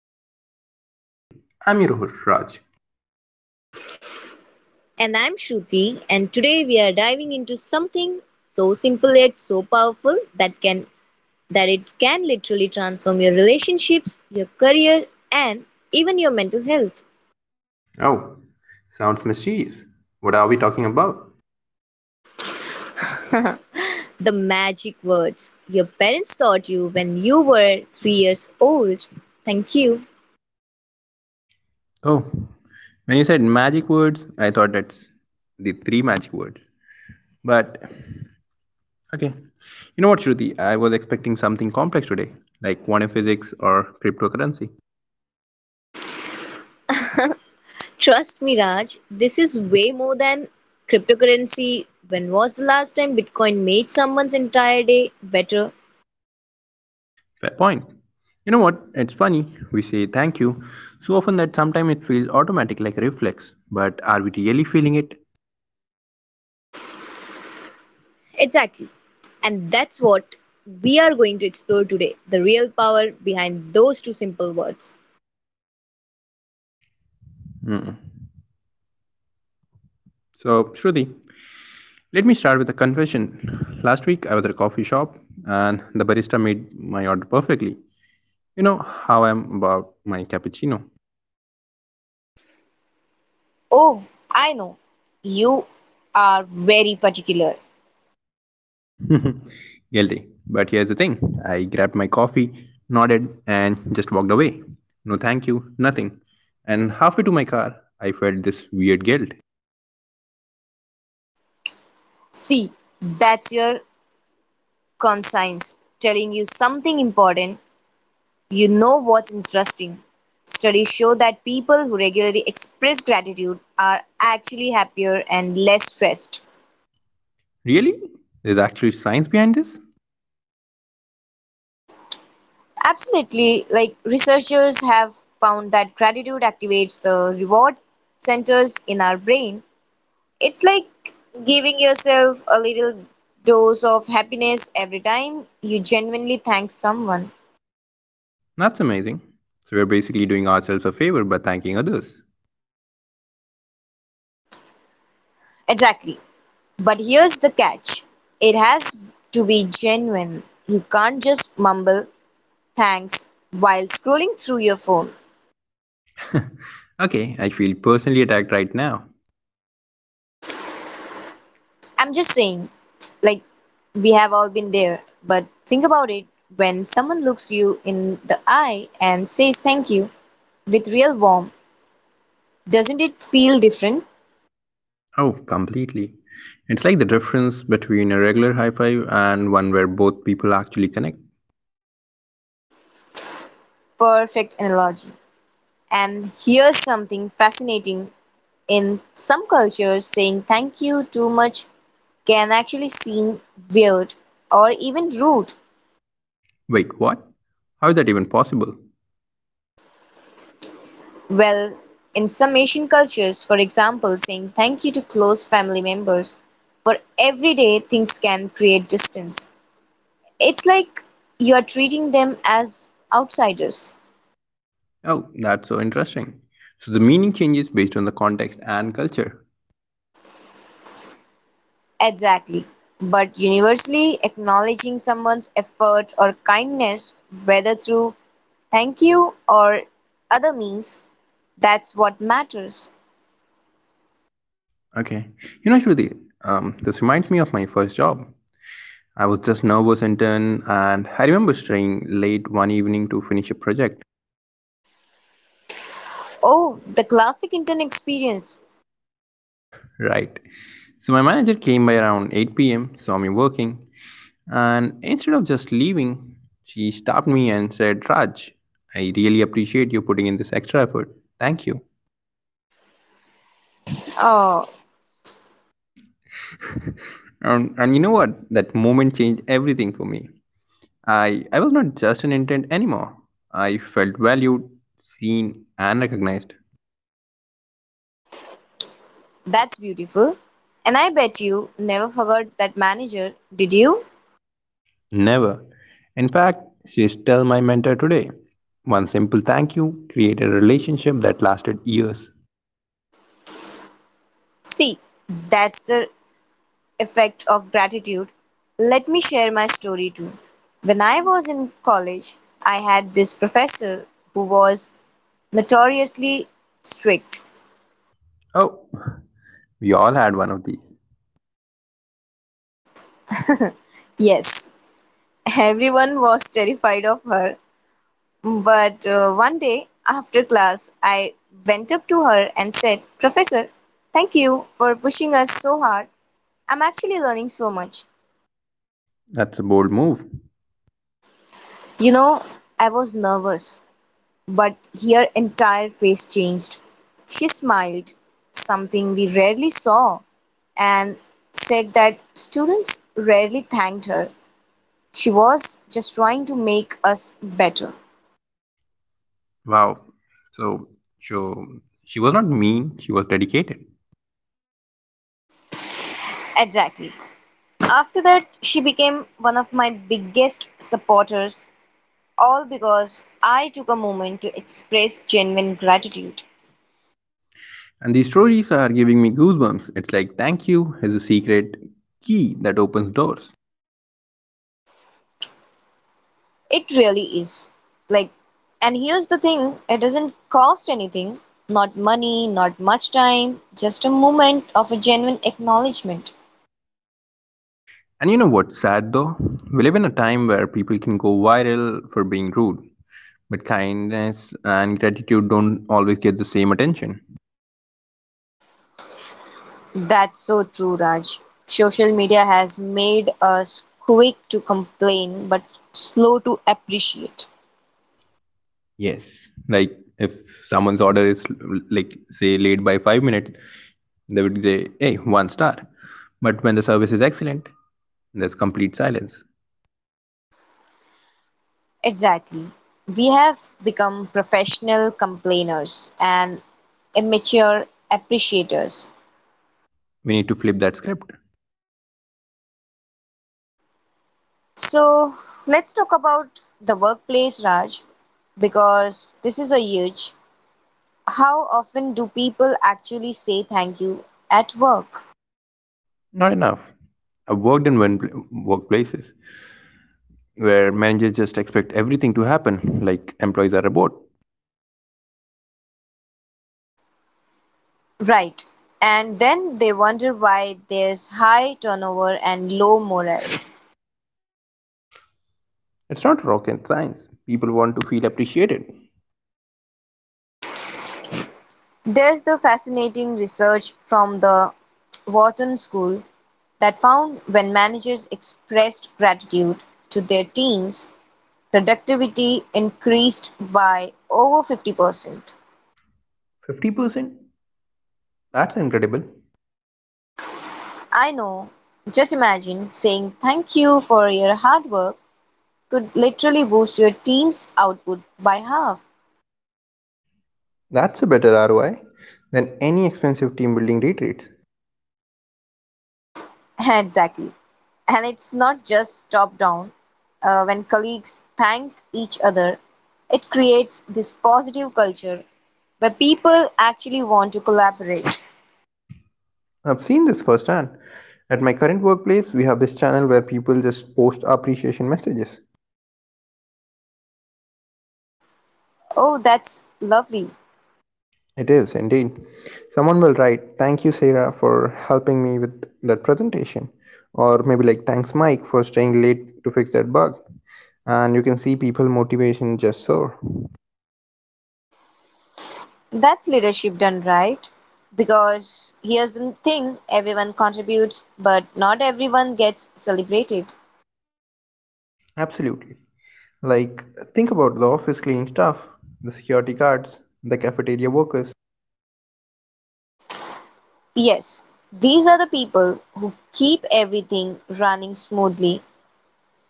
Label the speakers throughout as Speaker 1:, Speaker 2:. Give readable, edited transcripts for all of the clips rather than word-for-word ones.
Speaker 1: Talk with Raj and Shruti. I'm your host Raj.
Speaker 2: And I'm Shruti, and today we are diving into something so simple yet so powerful that it can literally transform your relationships, your career, and even your mental health.
Speaker 1: Oh, sounds mysterious. What are we talking about?
Speaker 2: The magic words your parents taught you when you were 3 years old. Thank you.
Speaker 1: Oh, when you said magic words, I thought that's the three magic words. But okay, you know what, Shruti? I was expecting something complex today, like quantum physics or cryptocurrency.
Speaker 2: Trust me, Raj, this is way more than cryptocurrency. When was the last time Bitcoin made someone's entire day better?
Speaker 1: Fair point. You know what? It's funny. We say thank you so often that sometimes it feels automatic, like a reflex. But are we really feeling it?
Speaker 2: Exactly. And that's what we are going to explore today, the real power behind those two simple words.
Speaker 1: So, Shruti, let me start with a confession. Last week, I was at a coffee shop and the barista made my order perfectly. You know how I'm about my cappuccino.
Speaker 2: Oh, I know. You are very particular.
Speaker 1: Guilty. But here's the thing, I grabbed my coffee, nodded, and just walked away. No thank you, nothing. And halfway to my car, I felt this weird guilt.
Speaker 2: See, that's your conscience telling you something important. You know what's interesting? Studies show that people who regularly express gratitude are actually happier and less stressed.
Speaker 1: Really? There's actually science behind this?
Speaker 2: Absolutely. Like, researchers have found that gratitude activates the reward centers in our brain. It's like giving yourself a little dose of happiness every time you genuinely thank someone.
Speaker 1: That's amazing. So we're basically doing ourselves a favor by thanking others.
Speaker 2: Exactly. But here's the catch. It has to be genuine. You can't just mumble thanks while scrolling through your phone.
Speaker 1: Okay, I feel personally attacked right now.
Speaker 2: I'm just saying, like, we have all been there, but think about it: when someone looks you in the eye and says thank you with real warmth, doesn't it feel different?
Speaker 1: Oh, completely. It's like the difference between a regular high five and one where both people actually connect.
Speaker 2: Perfect analogy. And here's something fascinating: in some cultures, saying thank you too much can actually seem weird or even rude.
Speaker 1: Wait, what? How is that even possible?
Speaker 2: Well, in some Asian cultures, for example, saying thank you to close family members for everyday things can create distance. It's like you are treating them as outsiders.
Speaker 1: Oh, that's so interesting. So the meaning changes based on the context and culture.
Speaker 2: Exactly. But universally, acknowledging someone's effort or kindness, whether through thank you or other means, that's what matters.
Speaker 1: Okay. You know, Shruti, this reminds me of my first job. I was just nervous intern, and I remember staying late one evening to finish a project.
Speaker 2: Oh, the classic intern experience.
Speaker 1: Right. So my manager came by around 8 p.m., saw me working, and instead of just leaving, she stopped me and said, Raj, I really appreciate you putting in this extra effort. Thank you.
Speaker 2: Oh.
Speaker 1: And you know what? That moment changed everything for me. I was not just an intern anymore. I felt valued, seen, and recognized.
Speaker 2: That's beautiful. And I bet you never forgot that manager, did you?
Speaker 1: Never. In fact, she is still my mentor today. One simple thank you created a relationship that lasted years.
Speaker 2: See, that's the effect of gratitude. Let me share my story too. When I was in college, I had this professor who was notoriously strict.
Speaker 1: Oh, we all had one of these.
Speaker 2: Yes, everyone was terrified of her. But one day after class, I went up to her and said, "Professor, thank you for pushing us so hard. I'm actually learning so much."
Speaker 1: That's a bold move.
Speaker 2: You know, I was nervous, but her entire face changed. She smiled, something we rarely saw, and said that students rarely thanked her. She was just trying to make us better.
Speaker 1: Wow. So, so she was not mean, she was dedicated.
Speaker 2: Exactly. After that, she became one of my biggest supporters, all because I took a moment to express genuine gratitude.
Speaker 1: And these stories are giving me goosebumps. It's like, thank you is a secret key that opens doors.
Speaker 2: It really is. Like, and here's the thing: it doesn't cost anything, not money, not much time, just a moment of a genuine acknowledgement.
Speaker 1: And you know what's sad though? We live in a time where people can go viral for being rude, but kindness and gratitude don't always get the same attention.
Speaker 2: That's so true, Raj. Social media has made us quick to complain but slow to appreciate.
Speaker 1: Yes. Like, if someone's order is, like, say, late by 5 minutes, they would say, hey, one star. But when the service is excellent, there's complete silence.
Speaker 2: Exactly. We have become professional complainers and immature appreciators.
Speaker 1: We need to flip that script.
Speaker 2: So let's talk about the workplace, Raj, because this is a huge. How often do people actually say thank you at work?
Speaker 1: Not enough. I've worked in workplaces where managers just expect everything to happen, like employees are a bot.
Speaker 2: Right. And then they wonder why there's high turnover and low morale.
Speaker 1: It's not rocket science, people want to feel appreciated.
Speaker 2: There's the fascinating research from the Wharton School that found when managers expressed gratitude to their teams, productivity increased by over 50%.
Speaker 1: 50%, that's incredible.
Speaker 2: I know, just imagine, saying thank you for your hard work could literally boost your team's output by half.
Speaker 1: That's a better ROI than any expensive team building retreats.
Speaker 2: Exactly. And it's not just top down. When colleagues thank each other, it creates this positive culture where people actually want to collaborate.
Speaker 1: I've seen this firsthand. At my current workplace, we have this channel where people just post appreciation messages.
Speaker 2: Oh, that's lovely.
Speaker 1: It is indeed. Someone will write, thank you, Sarah, for helping me with that presentation. Or maybe like, thanks, Mike, for staying late to fix that bug. And you can see people motivation just soar.
Speaker 2: That's leadership done right. Because here's the thing: everyone contributes, but not everyone gets celebrated.
Speaker 1: Absolutely. Like, think about the office cleaning staff, the security guards, the cafeteria workers.
Speaker 2: Yes, these are the people who keep everything running smoothly.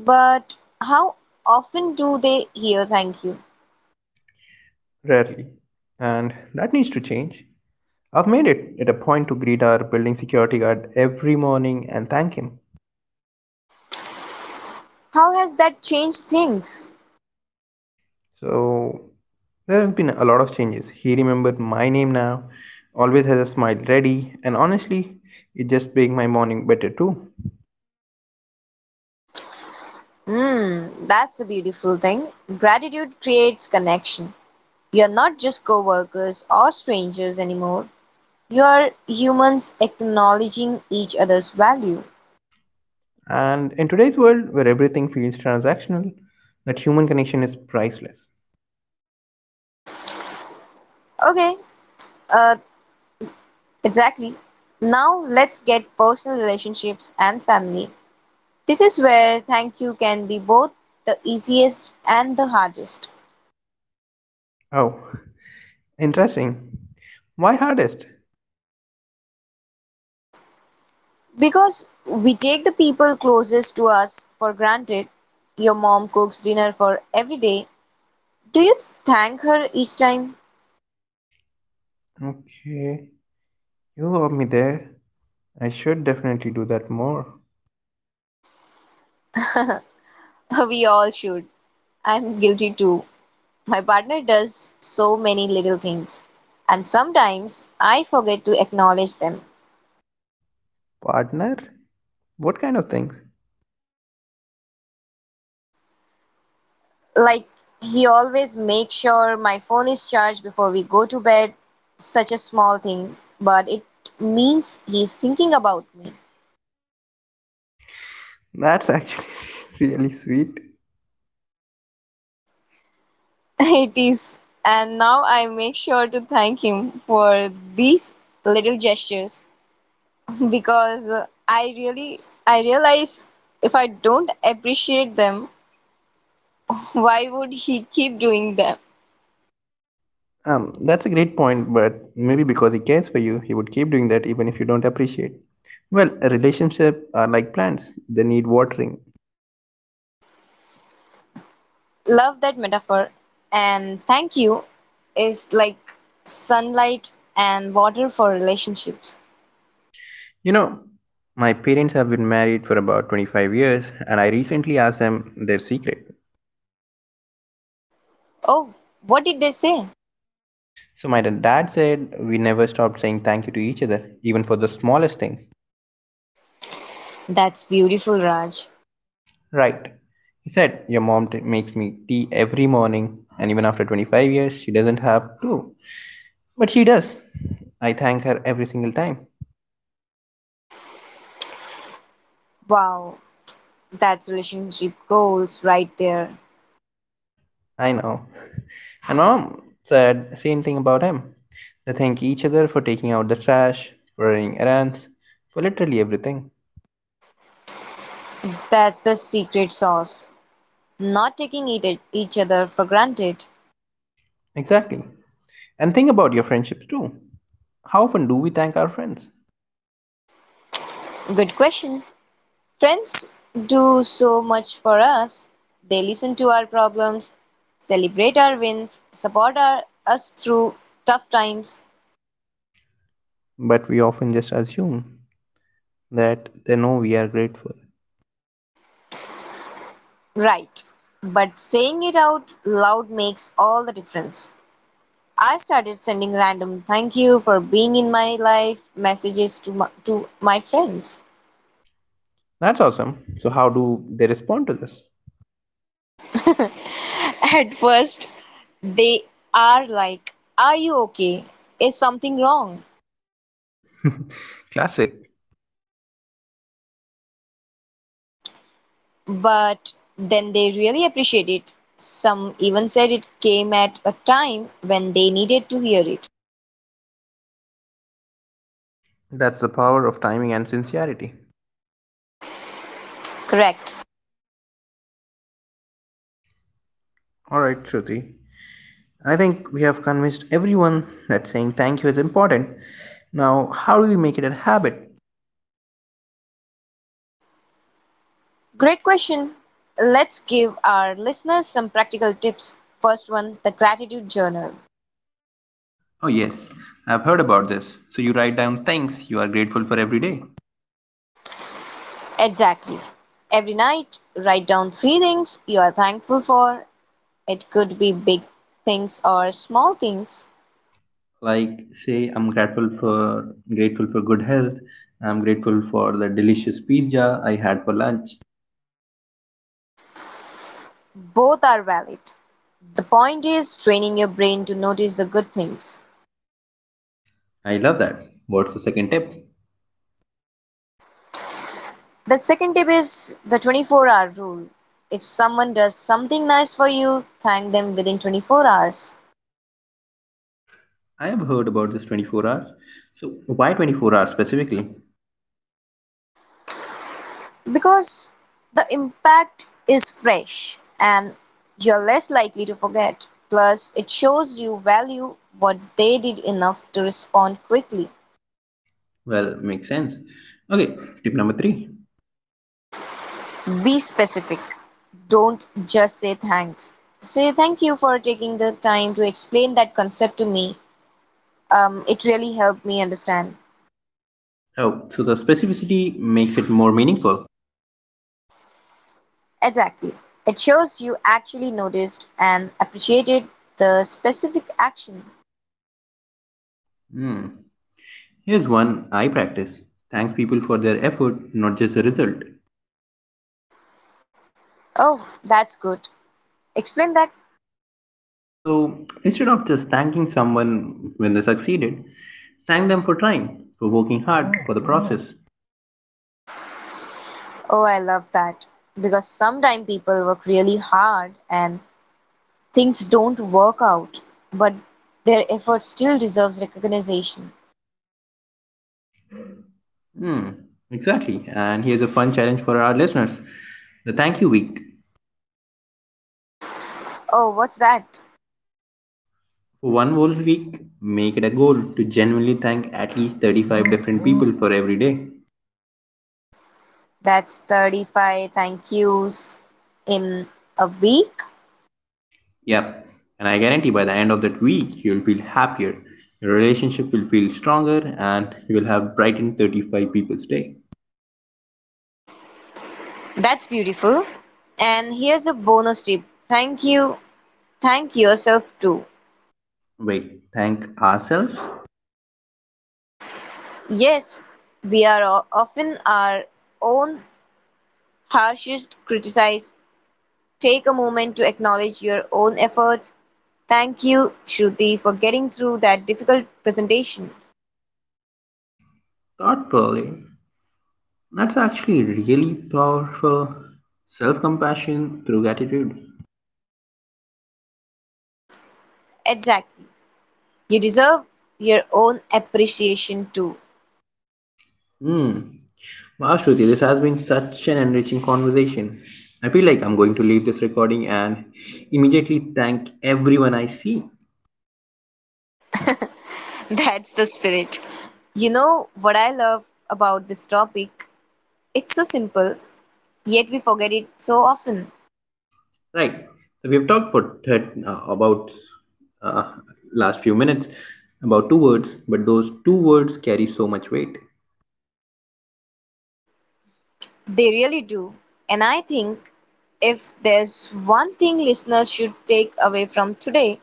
Speaker 2: But how often do they hear thank you?
Speaker 1: Rarely. And that needs to change. I've made it at a point to greet our building security guard every morning and thank him.
Speaker 2: How has that changed things?
Speaker 1: So there have been a lot of changes. He remembered my name now, always has a smile ready, and honestly, it just makes my morning better too.
Speaker 2: Hmm, that's the beautiful thing. Gratitude creates connection. You're not just co workers or strangers anymore. You are humans acknowledging each other's value.
Speaker 1: And in today's world where everything feels transactional, that human connection is priceless.
Speaker 2: Okay, uh, exactly. Now let's get personal: relationships and family. This is where thank you can be both the easiest and the hardest,
Speaker 1: Oh, interesting. Why hardest?
Speaker 2: because we take the people closest to us for granted. Your mom cooks dinner for every day. Do you thank her each time?
Speaker 1: Okay. You have me there. I should definitely do that more.
Speaker 2: We all should. I'm guilty too. My partner does so many little things, and sometimes I forget to acknowledge them.
Speaker 1: Partner? What kind of things?
Speaker 2: Like, he always makes sure my phone is charged before we go to bed. Such a small thing, but it means he's thinking about me.
Speaker 1: That's actually really sweet.
Speaker 2: It is. And now I make sure to thank him for these little gestures because I really I realize if I don't appreciate them, why would he keep doing them?
Speaker 1: That's a great point, but maybe because he cares for you, he would keep doing that even if you don't appreciate. Well, a relationship are like plants, they need watering.
Speaker 2: Love that metaphor. And thank you is like sunlight and water for relationships.
Speaker 1: You know, my parents have been married for about 25 years, and I recently asked them their secret.
Speaker 2: Oh, what did they say?
Speaker 1: So, my dad said we never stopped saying thank you to each other, even for the smallest things.
Speaker 2: That's beautiful, Raj.
Speaker 1: Right. He said, your mom makes me tea every morning, and even after 25 years, she doesn't have to. But she does. I thank her every single time.
Speaker 2: Wow, that's relationship goals right there.
Speaker 1: I know. And mom said same thing about him. They thank each other for taking out the trash, for running errands, for literally everything.
Speaker 2: That's the secret sauce. Not taking it, each other for granted.
Speaker 1: Exactly. And think about your friendships too. How often do we thank our friends?
Speaker 2: Good question. Friends do so much for us. They listen to our problems, celebrate our wins, support us through tough times.
Speaker 1: But we often just assume that they know we are grateful.
Speaker 2: Right. But saying it out loud makes all the difference. I started sending random "thank you for being in my life" messages to to my friends.
Speaker 1: That's awesome. So, how do they respond to this?
Speaker 2: At first, they are like, "Are you okay? Is something wrong?"
Speaker 1: Classic.
Speaker 2: But then they really appreciate it. Some even said it came at a time when they needed to hear it.
Speaker 1: That's the power of timing and sincerity.
Speaker 2: Correct.
Speaker 1: Alright, Shruti. I think we have convinced everyone that saying thank you is important. Now, how do we make it a habit?
Speaker 2: Great question. Let's give our listeners some practical tips. First one: the gratitude journal.
Speaker 1: Oh, yes. I've heard about this. So, you write down things you are grateful for every day.
Speaker 2: Exactly. Every night, write down three things you are thankful for. It could be big things or small things,
Speaker 1: Like, say, I'm grateful for good health. I'm grateful for the delicious pizza I had for lunch.
Speaker 2: both are valid. The point is training your brain to notice the good things.
Speaker 1: I love that. What's the second tip?
Speaker 2: The second tip is the 24-hour hour rule. If someone does something nice for you, thank them within 24 hours.
Speaker 1: I have heard about this 24 hours. So, why 24 hours specifically?
Speaker 2: Because the impact is fresh and you're less likely to forget. Plus, it shows you value what they did enough to respond quickly.
Speaker 1: Well, makes sense. Okay, tip number three.
Speaker 2: Be specific. Don't just say thanks. Say, "Thank you for taking the time to explain that concept to me. It really helped me understand."
Speaker 1: Oh, so the specificity makes it more meaningful.
Speaker 2: Exactly. It shows you actually noticed and appreciated the specific action.
Speaker 1: Hmm. Here's one I practice, thanks people for their effort, not just the result.
Speaker 2: Oh, that's good. Explain that.
Speaker 1: So, instead of just thanking someone when they succeeded, thank them for trying, for working hard, for the process.
Speaker 2: Oh, I love that. Because sometimes people work really hard and things don't work out, but their effort still deserves recognition.
Speaker 1: Hmm, exactly. And here's a fun challenge for our listeners, the thank you week.
Speaker 2: Oh, what's that?
Speaker 1: For one whole week, make it a goal to genuinely thank at least 35 different people for every day.
Speaker 2: That's 35 thank yous in a week.
Speaker 1: Yep, and I guarantee by the end of that week, you'll feel happier, your relationship will feel stronger, and you will have brightened 35 people's day.
Speaker 2: That's beautiful. And here's a bonus tip: thank you, thank yourself too.
Speaker 1: Wait, thank ourselves?
Speaker 2: Yes, we are often our own harshest criticized. Take a moment to acknowledge your own efforts. Thank you, Shruti, for getting through that difficult presentation.
Speaker 1: Thoughtfully. That's actually really powerful, self compassion through gratitude.
Speaker 2: Exactly. You deserve your own appreciation too.
Speaker 1: Hmm. Wow, Shruti, this has been such an enriching conversation. I feel like I'm going to leave this recording and immediately thank everyone I see.
Speaker 2: That's the spirit. You know what I love about this topic? It's so simple, yet we forget it so often.
Speaker 1: Right. So we've talked for about uh, last few minutes about two words, but those two words carry so much weight.
Speaker 2: They really do. And I think if there's one thing listeners should take away from today,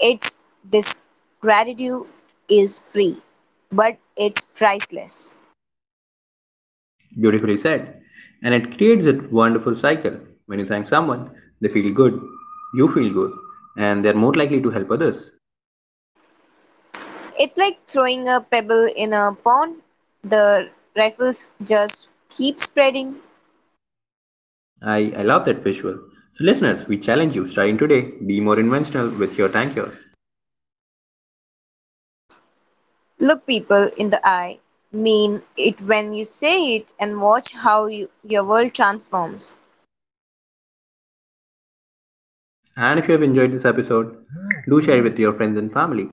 Speaker 2: it's this: gratitude is free, but it's priceless.
Speaker 1: Beautifully said. And it creates a wonderful cycle. When you thank someone, they feel good, you feel good, and they're more likely to help others.
Speaker 2: It's like throwing a pebble in a pond. The ripples just keep spreading.
Speaker 1: I love that visual. So, listeners, we challenge you, starting today, be more inventional with your tanker.
Speaker 2: Look people in the eye, mean it when you say it, and watch how your world transforms.
Speaker 1: And if you have enjoyed this episode, do share it with your friends and family.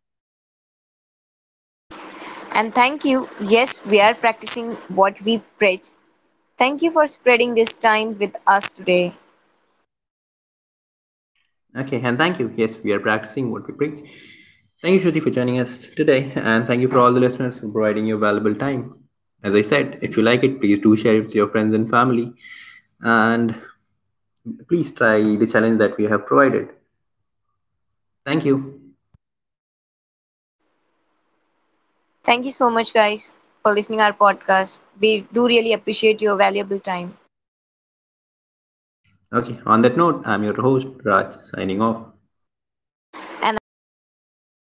Speaker 2: And thank you. Yes, we are practicing what we preach. Thank you for spreading this time with us today.
Speaker 1: Okay, and thank you. Yes, we are practicing what we preach. Thank you, Shruti, for joining us today, and thank you for all the listeners for providing your valuable time. As I said, if you like it, please do share it with your friends and family, and please try the challenge that we have provided. Thank you.
Speaker 2: Thank you so much, guys, for listening our podcast. We do really appreciate your valuable time.
Speaker 1: Okay, on that note, I'm your host, Raj, signing off.
Speaker 2: And I'm your co-host.